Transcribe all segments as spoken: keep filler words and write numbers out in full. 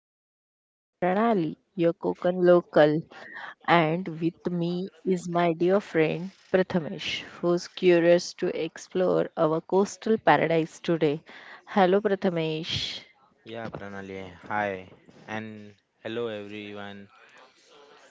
Vibes. I am Pranali, your Cookin local, and with me is my dear friend Prathamesh, who's curious to explore our coastal paradise today. Hello, Prathamesh. Yeah, Pranali. Hi, and hello everyone.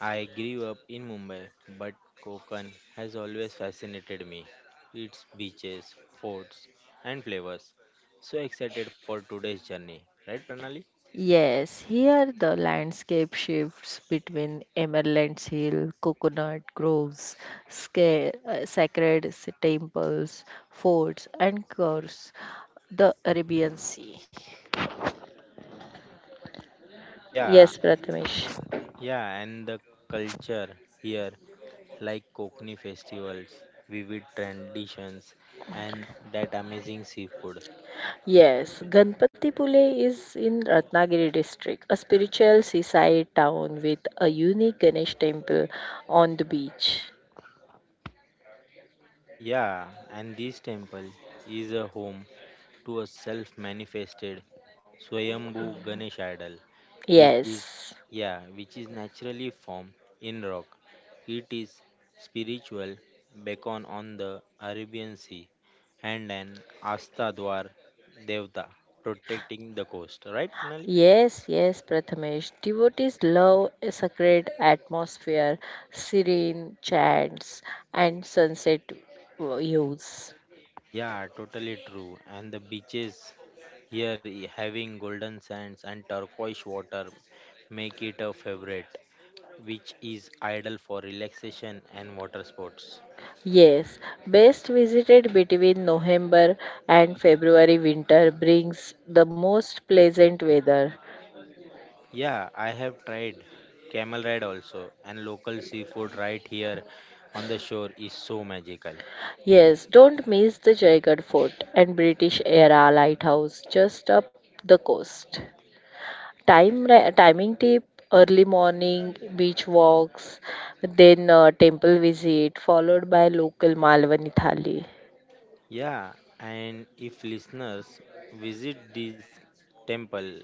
I grew up in Mumbai, but Konkan has always fascinated me. Its beaches, forts, and flavors. So excited for today's journey, right, Pranali? Yes, here the landscape shifts between Emerald's Hill, coconut groves, sca- uh, sacred temples, forts, and of course, the Arabian Sea. Yeah, Yes, Prathamesh. yeah, and the culture here, like Kokni festivals, vivid traditions, and that amazing seafood. Yes, Ganpatipule is in Ratnagiri district, a spiritual seaside town with a unique Ganesh temple on the beach. Yeah, and this temple is a home to a self manifested Swayambhu Ganesh idol, which is Yes. yeah, which is naturally formed in rock. It is spiritual beacon on the Arabian Sea and an Astadwar Devta protecting the coast. Right, Pranali? Yes, yes, Prathamesh. Devotees love a sacred atmosphere, serene chants, and sunset views. Yeah, totally true. And the beaches here i- having golden sands and turquoise water make it a favorite, which is ideal for relaxation and water sports. Yes, best visited between November and February winter brings the most pleasant weather. Yeah, I have tried camel ride also, and local seafood right here on the shore is so magical. Yes, don't miss the Jaigarh Fort and British era lighthouse just up the coast. Time ra- timing tip early morning beach walks, then uh, temple visit followed by local Malwani thali. Yeah, and if listeners visit this temple,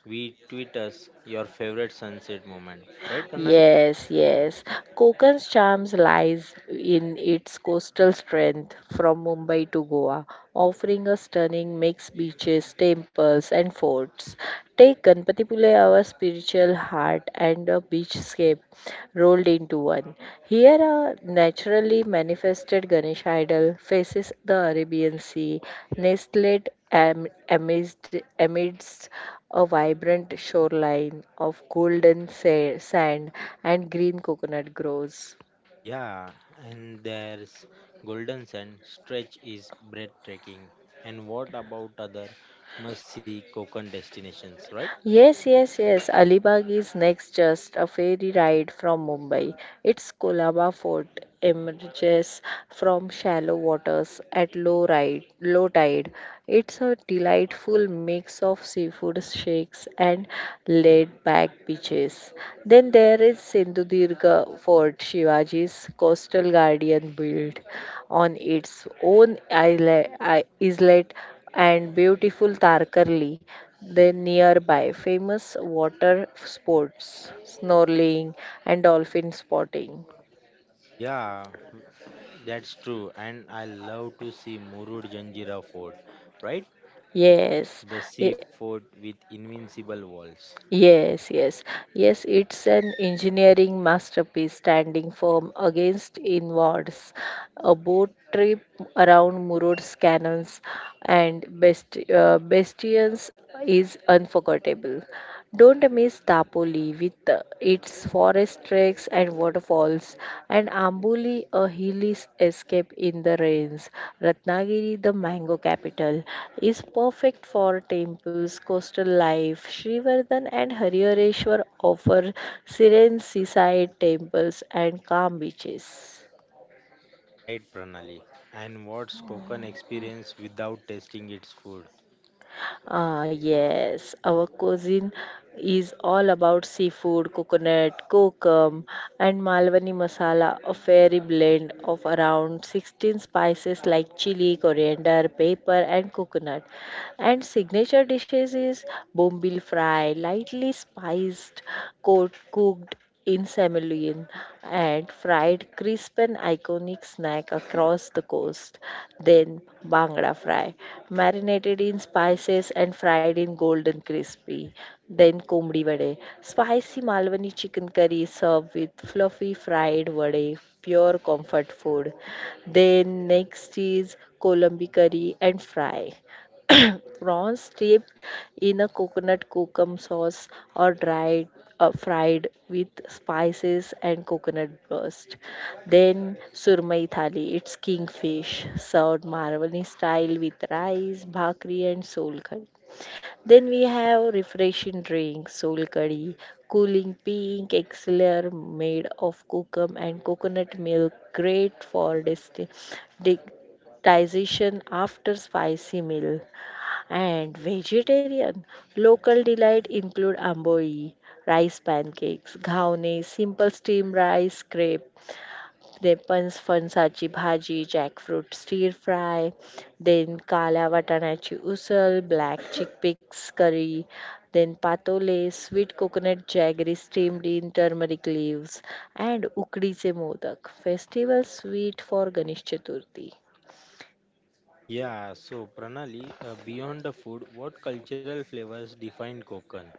we tweet us your favorite sunset moment, right, Pranali? Yes, yes. Konkan's charms lies in its coastal strength from Mumbai to Goa, offering a stunning mixed beaches, temples and forts. Take Ganpatipule, our spiritual heart and a beachscape rolled into one. Here a naturally manifested Ganesh idol faces the Arabian Sea, nestled am, amidst, amidst a vibrant shoreline of golden sa- sand and green coconut groves. Yeah, and there's golden sand stretch is breathtaking. And what about other must see Konkan destinations, right? Yes, yes, yes. Alibag is next just a ferry ride from Mumbai. Its Kolaba fort emerges from shallow waters at low ride, low tide. It's a delightful mix of seafood shakes and laid-back beaches. Then there is Sindhudurga Fort, Shivaji's coastal guardian built on its own isle- i- islet and beautiful Tarkarli, the nearby famous water sports, snorkeling and dolphin spotting. Yeah, that's true. And I love to see Murud Janjira Fort, right? Yes, The sea ye- fort with invincible walls. yes, yes, yes, it's an engineering masterpiece standing firm against inwards. A boat trip around Murod's cannons and Best, uh, Bastions is unforgettable. Don't miss Tapoli with uh, its forest treks and waterfalls, and Amboli, a hilly s- escape in the rains. Ratnagiri, the mango capital, is perfect for temples, coastal life. Srivardhan and Harihareshwar offer serene seaside temples and calm beaches. Right, Pranali. And what's Konkan experience without tasting its food? Ah, yes, our cuisine is all about seafood, coconut, kokum, and Malwani masala, a fairy blend of around sixteen spices like chili, coriander, pepper, and coconut. And signature dishes is bombil fry, lightly spiced, coat cooked in semolina and fried crisp an iconic snack across the coast. Then bangra fry, marinated in spices and fried in golden crispy. Then komdi vade, spicy Malwani chicken curry served with fluffy fried vade, pure comfort food. Then next is kolambi curry and fry. Prawns dipped in a coconut kokum sauce or dried uh, fried with spices and coconut burst. Then surmai thali, it's kingfish, served Maravani style with rice, bhakri and sol curry. Then we have refreshing drinks, sol curry, cooling pink elixir made of kokum and coconut milk, great for digestion after spicy meal. And vegetarian, local delight include amboi, rice pancakes, ghawne, simple steamed rice crepe, repans, फणसाची भाजी, jackfruit stir fry, then kala वाटाण्याची usal, black chickpeas curry, then patole, sweet coconut jaggery steamed in turmeric leaves, and ukdीचे modak, festival sweet for Ganesh Chaturthi. Yeah, so Pranali, uh, beyond the food, what cultural flavors define Konkan?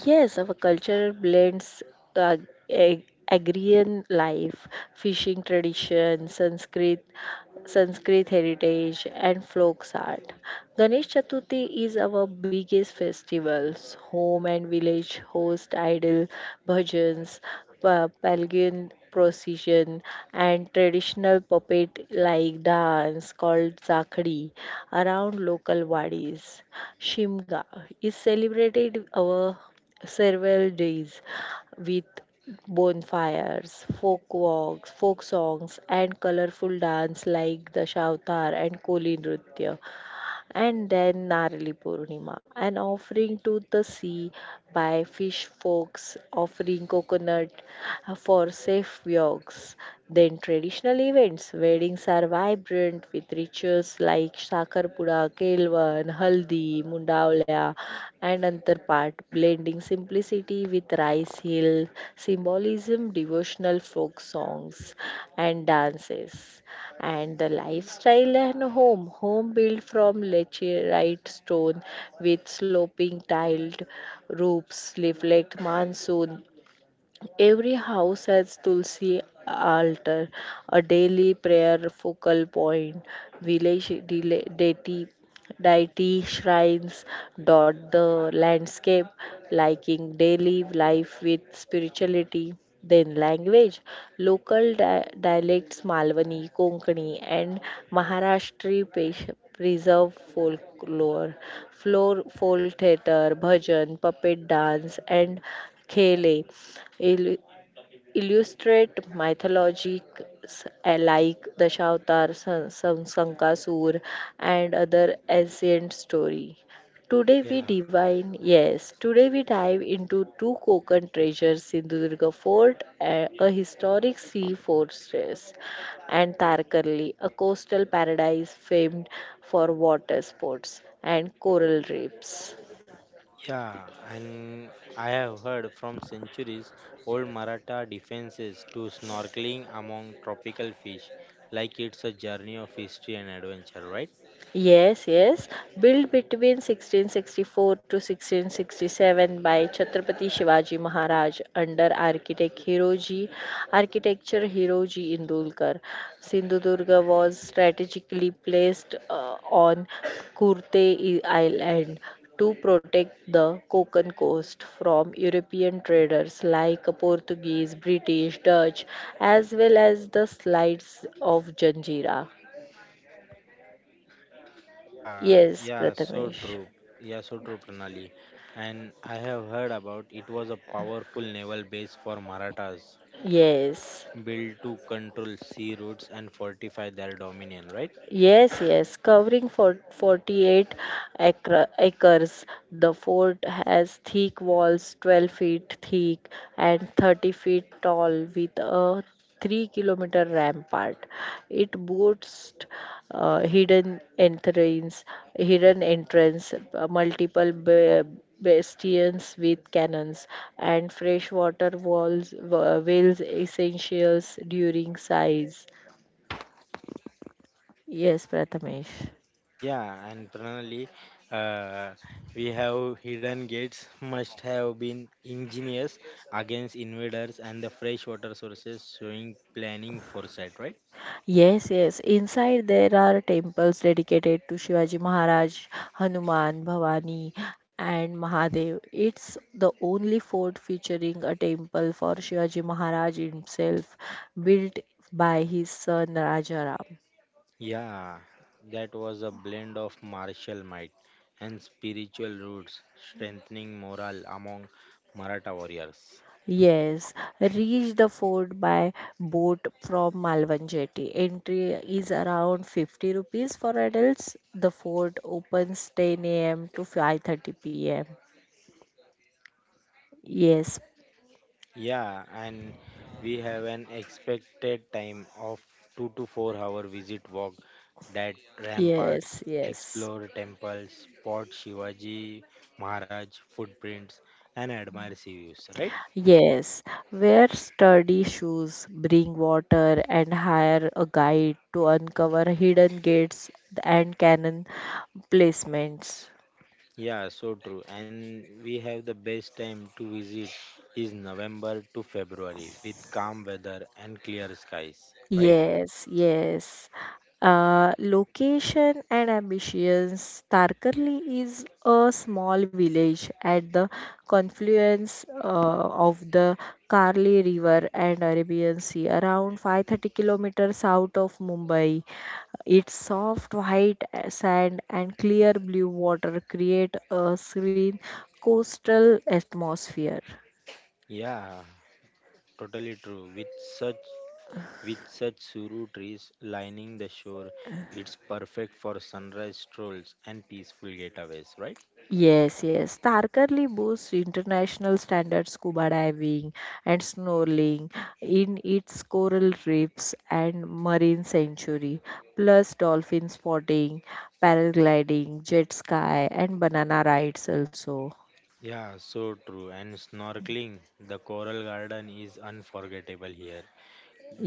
Yes, our culture blends uh, ag- agrarian life, fishing tradition, Sanskrit, Sanskrit heritage, and folk art. Ganesh Chaturthi is our biggest festivals. Home and village host idol bhajans, pa- pagan procession, and traditional puppet like dance called zakhdi around local wadis. Shimga is celebrated our several days with bonfires, folk walks, folk songs, and colorful dance like the Shavtar and Koli Nritya, and then Narali Purnima, an offering to the sea by fish folks offering coconut for safe walks. Then traditional events, weddings are vibrant with rituals like Sakarpura, Kelvan, Haldi, Mundavla, and another part, blending simplicity with rice hill, symbolism, devotional folk songs, and dances. And the lifestyle and home, home built from laterite stone with sloping tiled roofs reflect monsoon. Every house has Tulsi altar, a daily prayer focal point. Village dele- deity, Deity shrines dot the landscape, liking daily life with spirituality. Then language, local di- dialects Malwani, Konkani, and Maharashtri pe- preserve folklore, floor folk theatre, bhajan, puppet dance, and khele Ill- illustrate mythologies uh, like Dashavatar, San- San- Sankasur, and other ancient story. Today we Yeah. Divine, yes, today we dive into two Konkan treasures, Sindhudurga Fort, a, a historic sea fortress, and Tarkarli, a coastal paradise famed for water sports and coral reefs. Yeah, and I have heard from centuries old Maratha defenses to snorkeling among tropical fish, like it's a journey of history and adventure, right? Yes, yes. Built between sixteen sixty-four to sixteen sixty-seven by Chhatrapati Shivaji Maharaj under architect Hiroji, architecture Hiroji Indulkar. Sindhudurga was strategically placed uh, on Kurte I- Island to protect the Konkan coast from European traders like Portuguese, British, Dutch, as well as the slides of Janjira. Yeah, Yes, yeah, so Prathamesh. true. Yeah, so true, Pranali. And I have heard about it was a powerful naval base for Marathas, Yes, built to control sea routes and fortify their dominion, right? yes, yes. Covering for forty-eight acre, acres, the fort has thick walls, twelve feet thick and thirty feet tall, with a three kilometer rampart. It boasts uh, hidden entrance, hidden entrance, uh, multiple ba- bastions with cannons, and freshwater walls, wa- whales essentials during size. Yes, Prathamesh. Yeah, and Pranali, uh, we have hidden gates must have been ingenious against invaders and the fresh water sources, showing planning foresight, right? Yes, yes. Inside there are temples dedicated to Shivaji Maharaj, Hanuman, Bhavani, and Mahadev. It's the only fort featuring a temple for Shivaji Maharaj himself, built by his son Rajaram. Yeah, that was a blend of martial might and spiritual roots, strengthening morale among Maratha warriors. Yes, reach the fort by boat from Malvan Jetty. Entry is around fifty rupees for adults. The fort opens ten a m to five thirty p m. Yes, Yeah, and we have an expected time of two to four hour visit walk that ramparts, yes, yes, explore temples, spot Shivaji Maharaj footprints, and admire sea views, right? yes. Wear sturdy shoes, bring water, and hire a guide to uncover hidden gates and cannon placements. Yeah, so true. And we have the best time to visit is November to February with calm weather and clear skies, right? Yes, yes. Uh, location and ambitions. Tarkarli is a small village at the confluence uh, of the Karli River and Arabian Sea, around five hundred thirty kilometers south of Mumbai. Its soft white sand and clear blue water create a serene coastal atmosphere. Yeah, totally true. With such With such suru trees lining the shore, it's perfect for sunrise strolls and peaceful getaways, right? Yes, yes. Tarkarli boasts international standard scuba diving and snorkeling in its coral reefs and marine sanctuary, plus dolphin spotting, paragliding, jet ski, and banana rides also. Yeah, so true. And snorkeling, the coral garden is unforgettable here.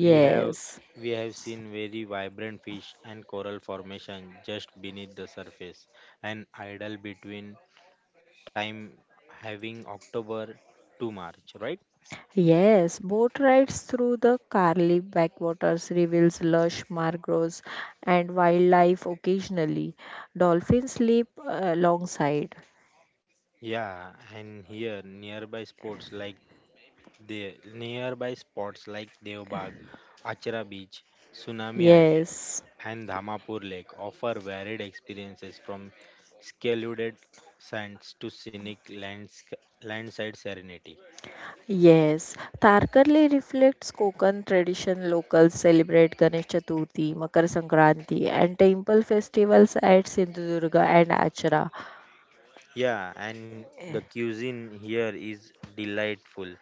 We Yeah. have we have seen very vibrant fish and coral formation just beneath the surface, and idle between time having October to March, right? Yes, boat rides through the Karli backwaters reveals lush mangroves and wildlife occasionally. Dolphins sleep uh, alongside. Yeah, and here nearby spots like The nearby spots like Devbag, Achara Beach, Tsunami Island, Yes. and Dhamapur Lake offer varied experiences from scalded sands to scenic landsca- landside serenity. Yes, Tarkarli reflects Konkan tradition. Locals celebrate Ganesh Chaturthi, Makar Sankranti, and temple festivals at Sindhudurga and Achara. Yeah, and the cuisine here is delightful,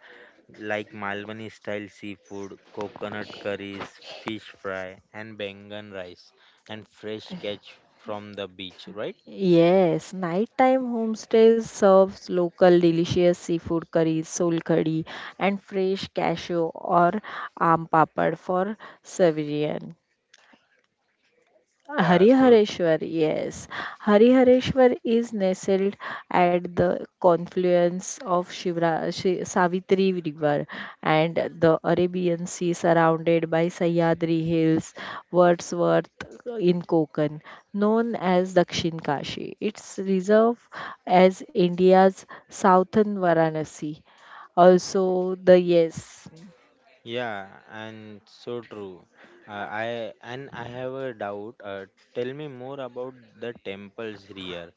like Malwani style seafood, coconut curries, fish fry, and bangan rice, and fresh catch from the beach, right? Yes, nighttime homestays serves local delicious seafood curries, solkadi, and fresh cashew or aam papad for serving. Yeah, so Harihareshwar, yes. Harihareshwar is nestled at the confluence of Shivra, Shi- Savitri River and the Arabian Sea, surrounded by Sahyadri Hills, Wordsworth in Konkan, known as Dakshin Kashi. It's reserved as India's southern Varanasi. Also, the yes. Yeah, and so true. Uh, I and I have a doubt. Uh, tell me more about the temples here.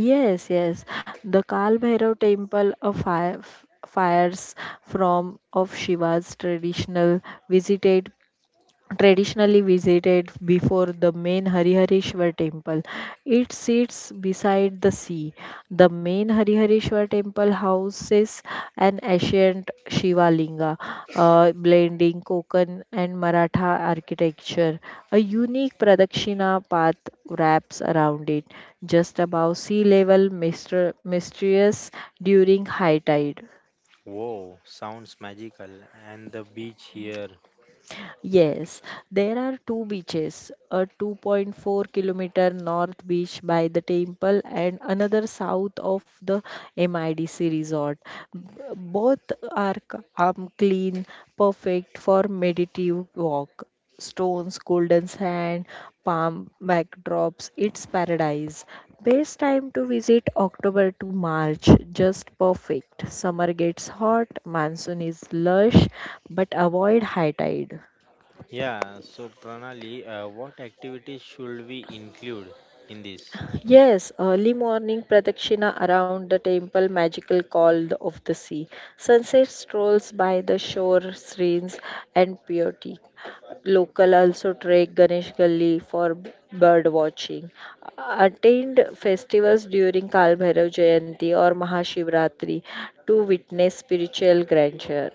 Yes, yes. The Kal Bhairav temple of fire, fires from of Shiva's traditional visited traditionally visited before the main Harihareshwar temple. It sits beside the sea. The main Harihareshwar temple houses an ancient Shiva Linga, uh, blending Konkan and Maratha architecture. A unique Pradakshina path wraps around it, just above sea level, myster- mysterious during high tide. Whoa, sounds magical. And the beach here. Yes, there are two beaches, a two point four kilometer north beach by the temple and another south of the M I D C resort. B- Both are c- um, clean, perfect for meditative walk. Stones, golden sand, palm backdrops, it's paradise. Best time to visit October to March, just perfect. Summer gets hot, monsoon is lush, but avoid high tide. Yeah, so Pranali, uh, what activities should we include in this? Yes, early morning pradakshina around the temple, magical call of the sea. Sunset strolls by the shore, serene and purity. Local also trek Ganesh Gully for bird watching. Attend festivals during Kalbhairav Jayanti or Mahashivratri to witness spiritual grandeur.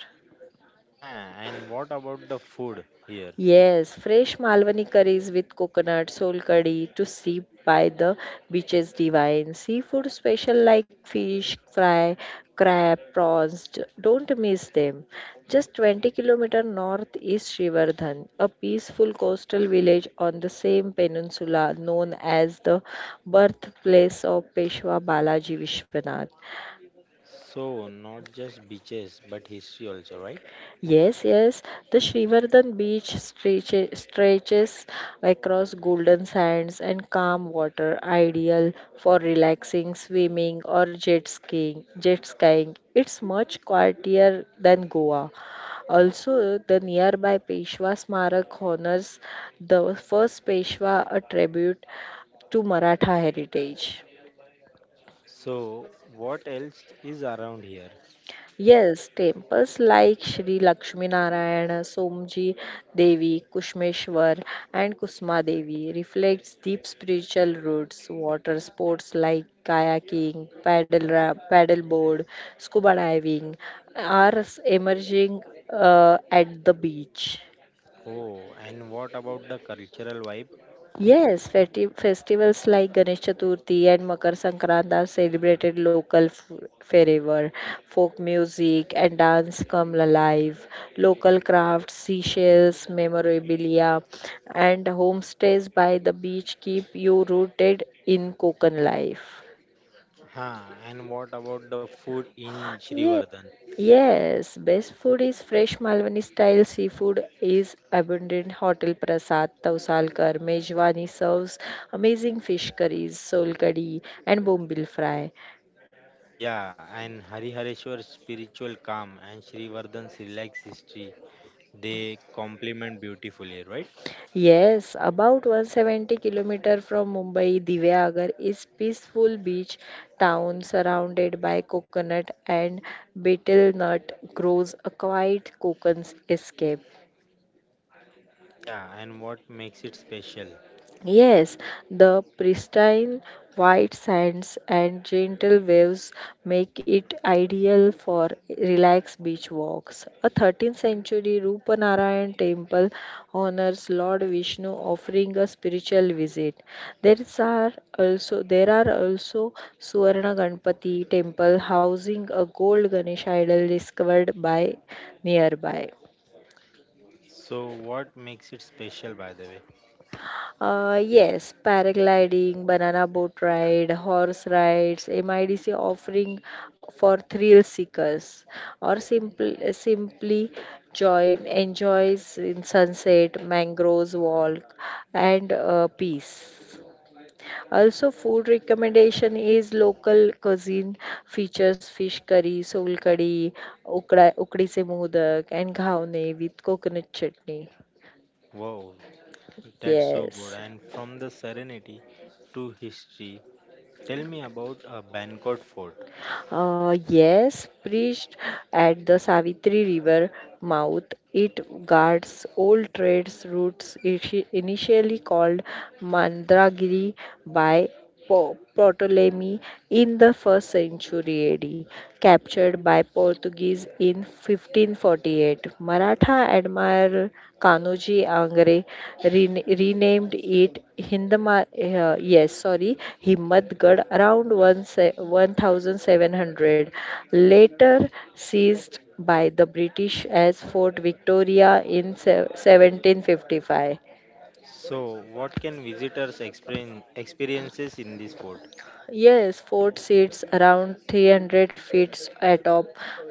Huh, and what about the food here? Yes, fresh Malwani curries with coconut, soul curry to sip by the beaches divine. Seafood special like fish, fry, crab, prawns. d- Don't miss them. Just twenty kilometer north is Srivardhan, a peaceful coastal village on the same peninsula known as the birthplace of Peshwa Balaji Vishwanath. So, not just beaches, but history also, right? Yes, yes. The Srivardhan beach stretches, stretches across golden sands and calm water, ideal for relaxing, swimming, or jet skiing. Jet skiing. It's much quieter than Goa. Also, the nearby Peshwa Smarak honors the first Peshwa, a tribute to Maratha heritage. So, what else is around here? Yes, temples like Shri Lakshmi Narayana, Somji Devi, Kushmeshwar, and Kusma Devi reflects deep spiritual roots. Water sports like kayaking, paddle ra- paddleboard, scuba diving are s- emerging uh, at the beach. Oh, and what about the cultural vibe? Yes, festi- festivals like Ganesh Chaturthi and Makar Sankrant are celebrated local f- forever. Folk music and dance come alive. Local crafts, seashells, memorabilia, and homestays by the beach keep you rooted in Konkan life. Huh, and what about the food in Ye- Srivardhan? yes, best food is fresh Malwani style seafood is abundant. Hotel Prasad, Tausalkar, Mejwani serves amazing fish curries, sol kadhi, and bombil fry. Yeah, and Harihareshwar spiritual calm and Srivardhan's relaxed history, they complement beautifully, right? Yes, about one hundred seventy kilometers from Mumbai, Divyagar is peaceful beach town surrounded by coconut and betel nut groves, a quiet coconut escape. Yeah, and what makes it special? Yes, the pristine white sands and gentle waves make it ideal for relaxed beach walks. A thirteenth century Rupanarayan temple honors Lord Vishnu offering a spiritual visit. There is are also there are also Suvarna Ganpati temple housing a gold Ganesh idol discovered by nearby. So, what makes it special, by the way? Uh, yes, paragliding, banana boat ride, horse rides, M I D C offering for thrill seekers, or simple, simply join enjoys in sunset, mangroves walk, and uh, peace. Also, food recommendation is local cuisine features fish curry, soul curry, ukda, ukdi se modak, and ghawne with coconut chutney. Wow, that's so good. Yes. And from the serenity to history, tell me about a Bangkok fort. Uh, yes, priest at the Savitri River mouth, it guards old trade routes ishi- initially called Mandragiri by Po- Ptolemy in the first century A D, captured by Portuguese in fifteen forty-nine. eighteen forty-eight, Maratha admiral Kanoji Angre rena- renamed it Hindma- uh, yes, sorry, Himmatgarh around one se- one thousand seven hundred, later seized by the British as Fort Victoria in se- seventeen fifty-five. So, what can visitors experience experiences in this fort? Yes, fort seats around three hundred feet atop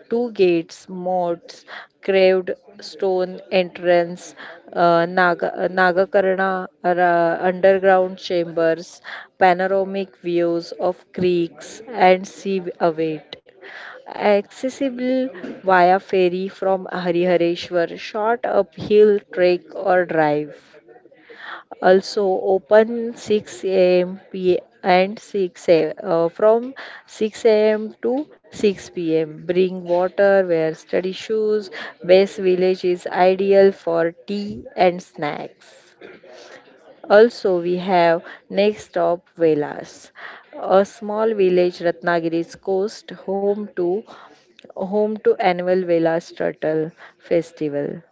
two gates, moats, carved stone entrance, uh, Naga, uh, Nagakarna uh, underground chambers, panoramic views of creeks and sea await. Accessible via ferry from Harihareshwar, short uphill trek or drive, also open 6 a.m. p and 6 a, uh, from six a m to six p m. Bring water, wear study shoes. Best village is ideal for tea and snacks. Also, we have next stop Velas, a small village Ratnagiri's coast, home to home to annual Velas Turtle Festival.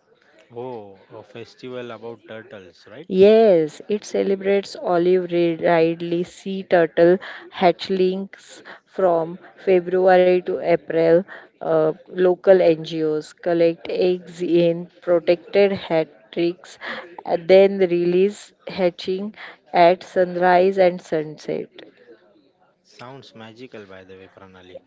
Oh, a festival about turtles, right? Yes, it celebrates olive ridley sea turtle hatchlings from February to April. Uh, local N G Os collect eggs in protected hatcheries and then release hatching at sunrise and sunset. Sounds magical, by the way, Pranali.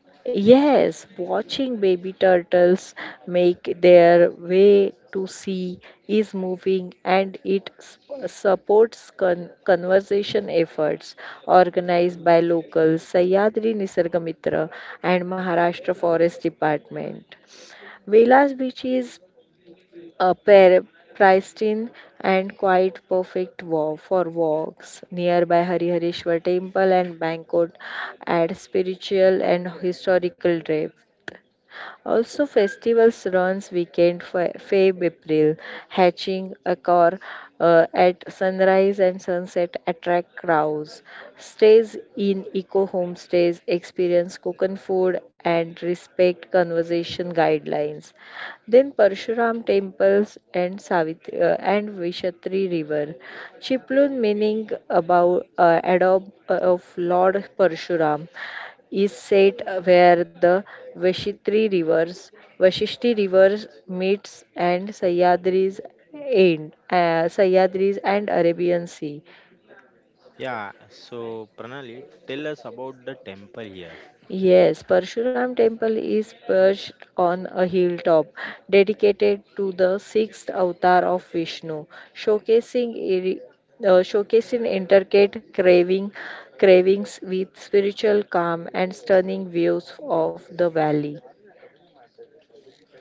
Yes, watching baby turtles make their way to sea is moving, and it sp- supports con- conservation efforts organized by locals, Sahyadri Nisargamitra and Maharashtra Forest Department. Vela's beach is a pair, pristine and quite perfect wa- for walks. Nearby Harihareshwar temple and Bangkok add spiritual and historical depth. Also, festivals runs weekend for Feb April, hatching a car uh, at sunrise and sunset attract crowds. Stays in eco homestays, experience coconut food and respect conservation guidelines. Then Parshuram temples and Savitri uh, and Vishatri river. Chiplun, meaning about uh, adobe of Lord Parshuram, is set where the Vashitri rivers, Vashishti rivers meets, and Sayadri's end, uh, Sahyadris and Arabian Sea. Yeah, so Pranali, tell us about the temple here. Yes, Parshuram temple is perched on a hilltop dedicated to the sixth avatar of Vishnu, showcasing iri- uh, showcasing intricate craving cravings with spiritual calm and stunning views of the valley.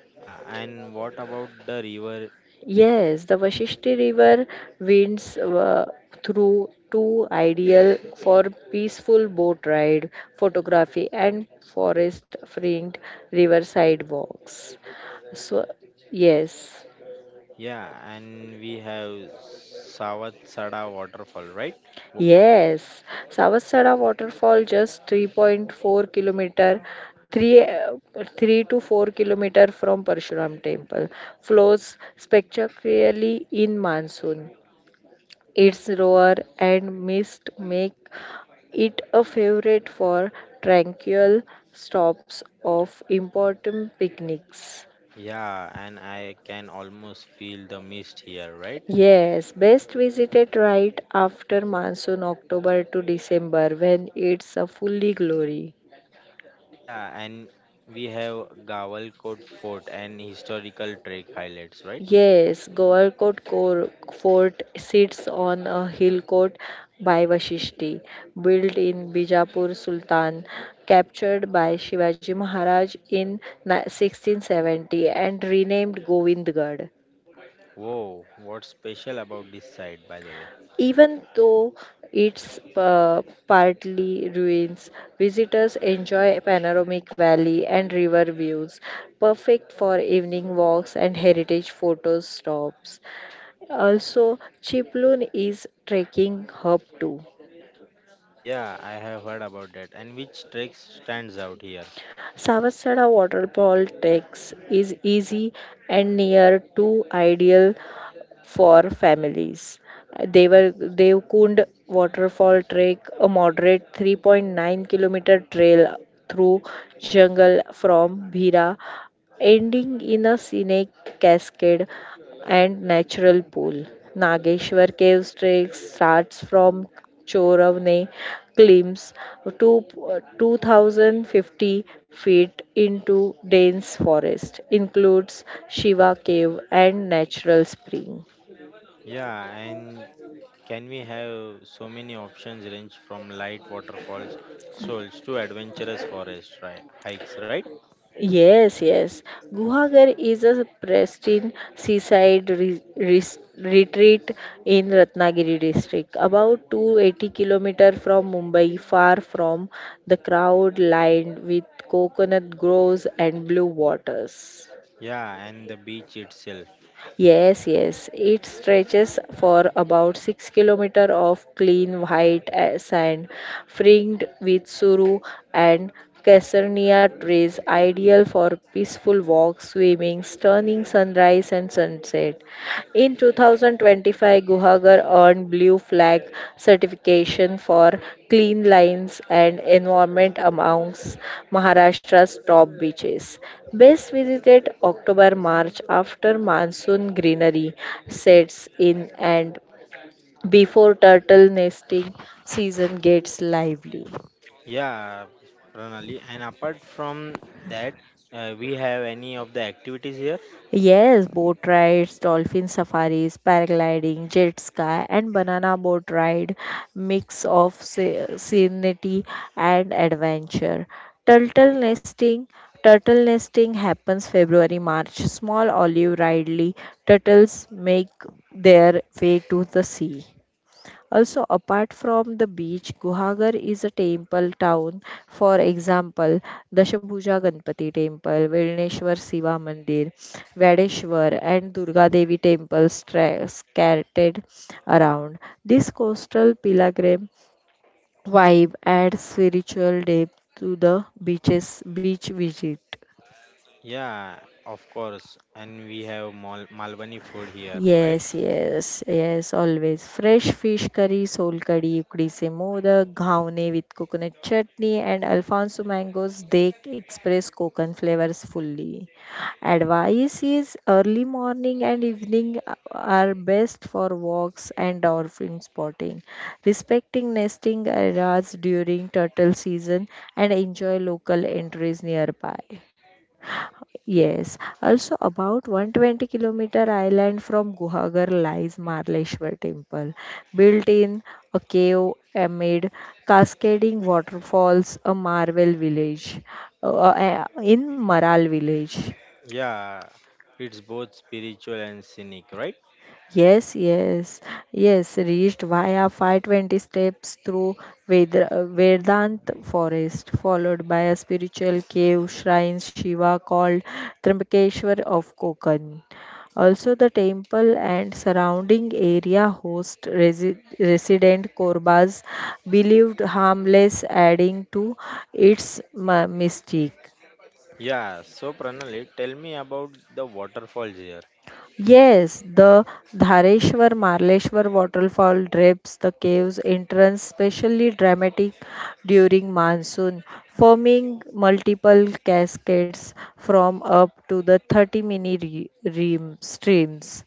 Yeah, and what about the river? Yes, the Vashishti River winds uh, through two, ideal for peaceful boat ride, photography, and forest-fringed riverside walks. So, yes. Yeah, and we have Savatsada waterfall, right? Wo- Yes, Savasara waterfall, just three point four kilometer, three, uh, three to four kilometer from Parshuram temple, flows spectacularly in monsoon. Its roar and mist make it a favorite for tranquil stops of important picnics. Yeah, and I can almost feel the mist here, right? Yes, best visited right after monsoon, October to December, when it's a fully glory. Yeah, and we have Gawalkot Fort and historical trek highlights, right? Yes, Goalkot Cor- Fort sits on a hill court by Vashishti, built in Bijapur Sultan, captured by Shivaji Maharaj in ni- sixteen seventy and renamed Govindgarh. Whoa, what's special about this site, by the way? Even though its uh, partly ruins, visitors enjoy panoramic valley and river views, perfect for evening walks and heritage photo stops. Also, Chiplun is trekking hub too. Yeah, I have heard about that. And which trek stands out here? Savasada waterfall treks is easy and near to ideal for families. Devar, Devkund waterfall trek, a moderate three point nine kilometer trail through jungle from Bhira, ending in a scenic cascade and natural pool. Nageshwar Caves trek starts from Choravne, climbs to two thousand fifty feet into dense forest, includes Shiva Cave and Natural Spring. Yeah, and can we have so many options range from light waterfalls, strolls to adventurous forest ri- hikes, right? Yes, yes. Guhagar is a pristine seaside re- res- retreat in Ratnagiri district, about two hundred eighty kilometer from Mumbai, far from the crowd, lined with coconut groves and blue waters. Yeah, and the beach itself. Yes, yes. It stretches for about six kilometers of clean white uh, sand, fringed with suru and casernia trees, ideal for peaceful walks, swimming, stunning sunrise and sunset. In two thousand twenty-five, Guhagar earned Blue Flag certification for clean lines and environment, amongst Maharashtra's top beaches. Best visited October March, after monsoon greenery sets in and before turtle nesting season gets lively. Yeah, Pranali. And apart from that, uh, we have any of the activities here? Yes, boat rides, dolphin safaris, paragliding, jet ski, and banana boat ride, mix of se- serenity and adventure. Turtle nesting, turtle nesting happens February March. Small olive ridley turtles make their way to the sea. Also, apart from the beach, Guhagar is a temple town. For example, Dashabhuja Ganpati Temple, Vilneshwar Siva Mandir, Vadeshwar, and Durga Devi temples stra- scattered around. This coastal pilgrim vibe adds spiritual depth to the beaches beach visit. Yeah, of course. And we have Mal- Malwani food here, right? Yes, yes, yes, always. Fresh fish curry, soul curry, ukdi se modak, ghawne with coconut chutney, and Alfonso mangoes, they express coconut flavors fully. Advice is early morning and evening are best for walks and dolphin spotting. Respecting nesting areas during turtle season, and enjoy local entries nearby. Yes, also about one hundred twenty kilometer island from Guhagar lies Marleshwar temple, built in a cave amid cascading waterfalls, a Marvel village, uh, uh, in Maral village. Yeah, it's both spiritual and scenic, right? Yes, yes, yes, reached via five hundred twenty steps through Vedra- uh, Vedant forest, followed by a spiritual cave shrine Shiva called Trimbakeshwar of Konkan. Also, the temple and surrounding area host resi- resident Korbas, believed harmless, adding to its ma- mystique. Yeah, so Pranali, tell me about the waterfalls here. Yes, the Dhareshwar Marleshwar waterfall drapes the cave's entrance, specially dramatic during monsoon, forming multiple cascades from up to the thirty mini re- ream streams.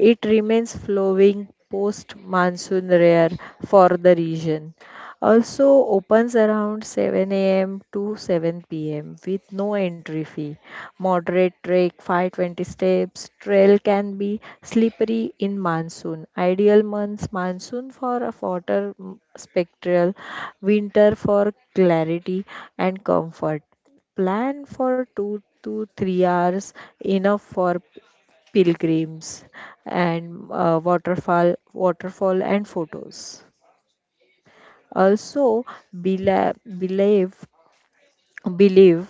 It remains flowing post monsoon, rare for the region. Also opens around seven a m to seven p m with no entry fee. Moderate trek, five hundred twenty steps. Trail can be slippery in monsoon. Ideal months monsoon for a water mm, spectral, winter for clarity and comfort. Plan for two to three hours, enough for pilgrims and uh, waterfall waterfall and photos, also bela- believe believe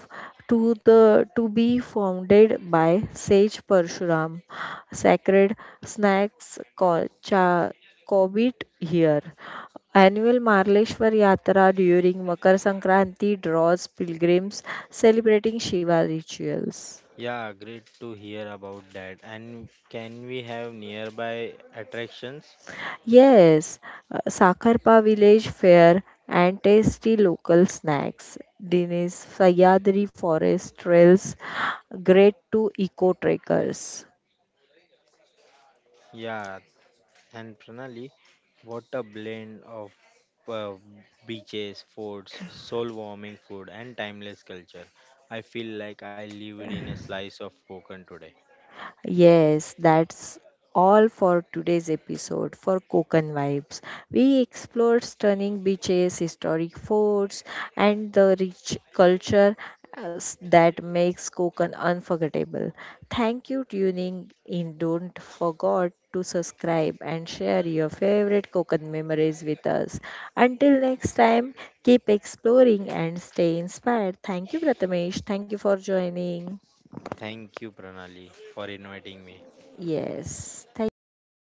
to the to be founded by sage Parshuram. Sacred snacks co- cha- covet here. Annual Marleshwar Yatra during Makar Sankranti draws pilgrims celebrating Shiva rituals. Yeah, great to hear about that. And can we have nearby attractions? Yes, uh, Sakarpa village fair and tasty local snacks. Dinesh Sayadri forest trails, great to eco trekkers. Yeah, and Pranali, what a blend of uh, beaches, forts, soul warming food, and timeless culture. I feel like I lived in a slice of Konkan today. Yes, that's all for today's episode for Kokan Vibes. We explored stunning beaches, historic forts, and the rich culture as- that makes Kokan unforgettable. Thank you tuning in. Don't forget to subscribe and share your favorite Kokan memories with us. Until next time, keep exploring and stay inspired. Thank you, Prathamesh. Thank you for joining. Thank you, Pranali, for inviting me. Yes, thank you.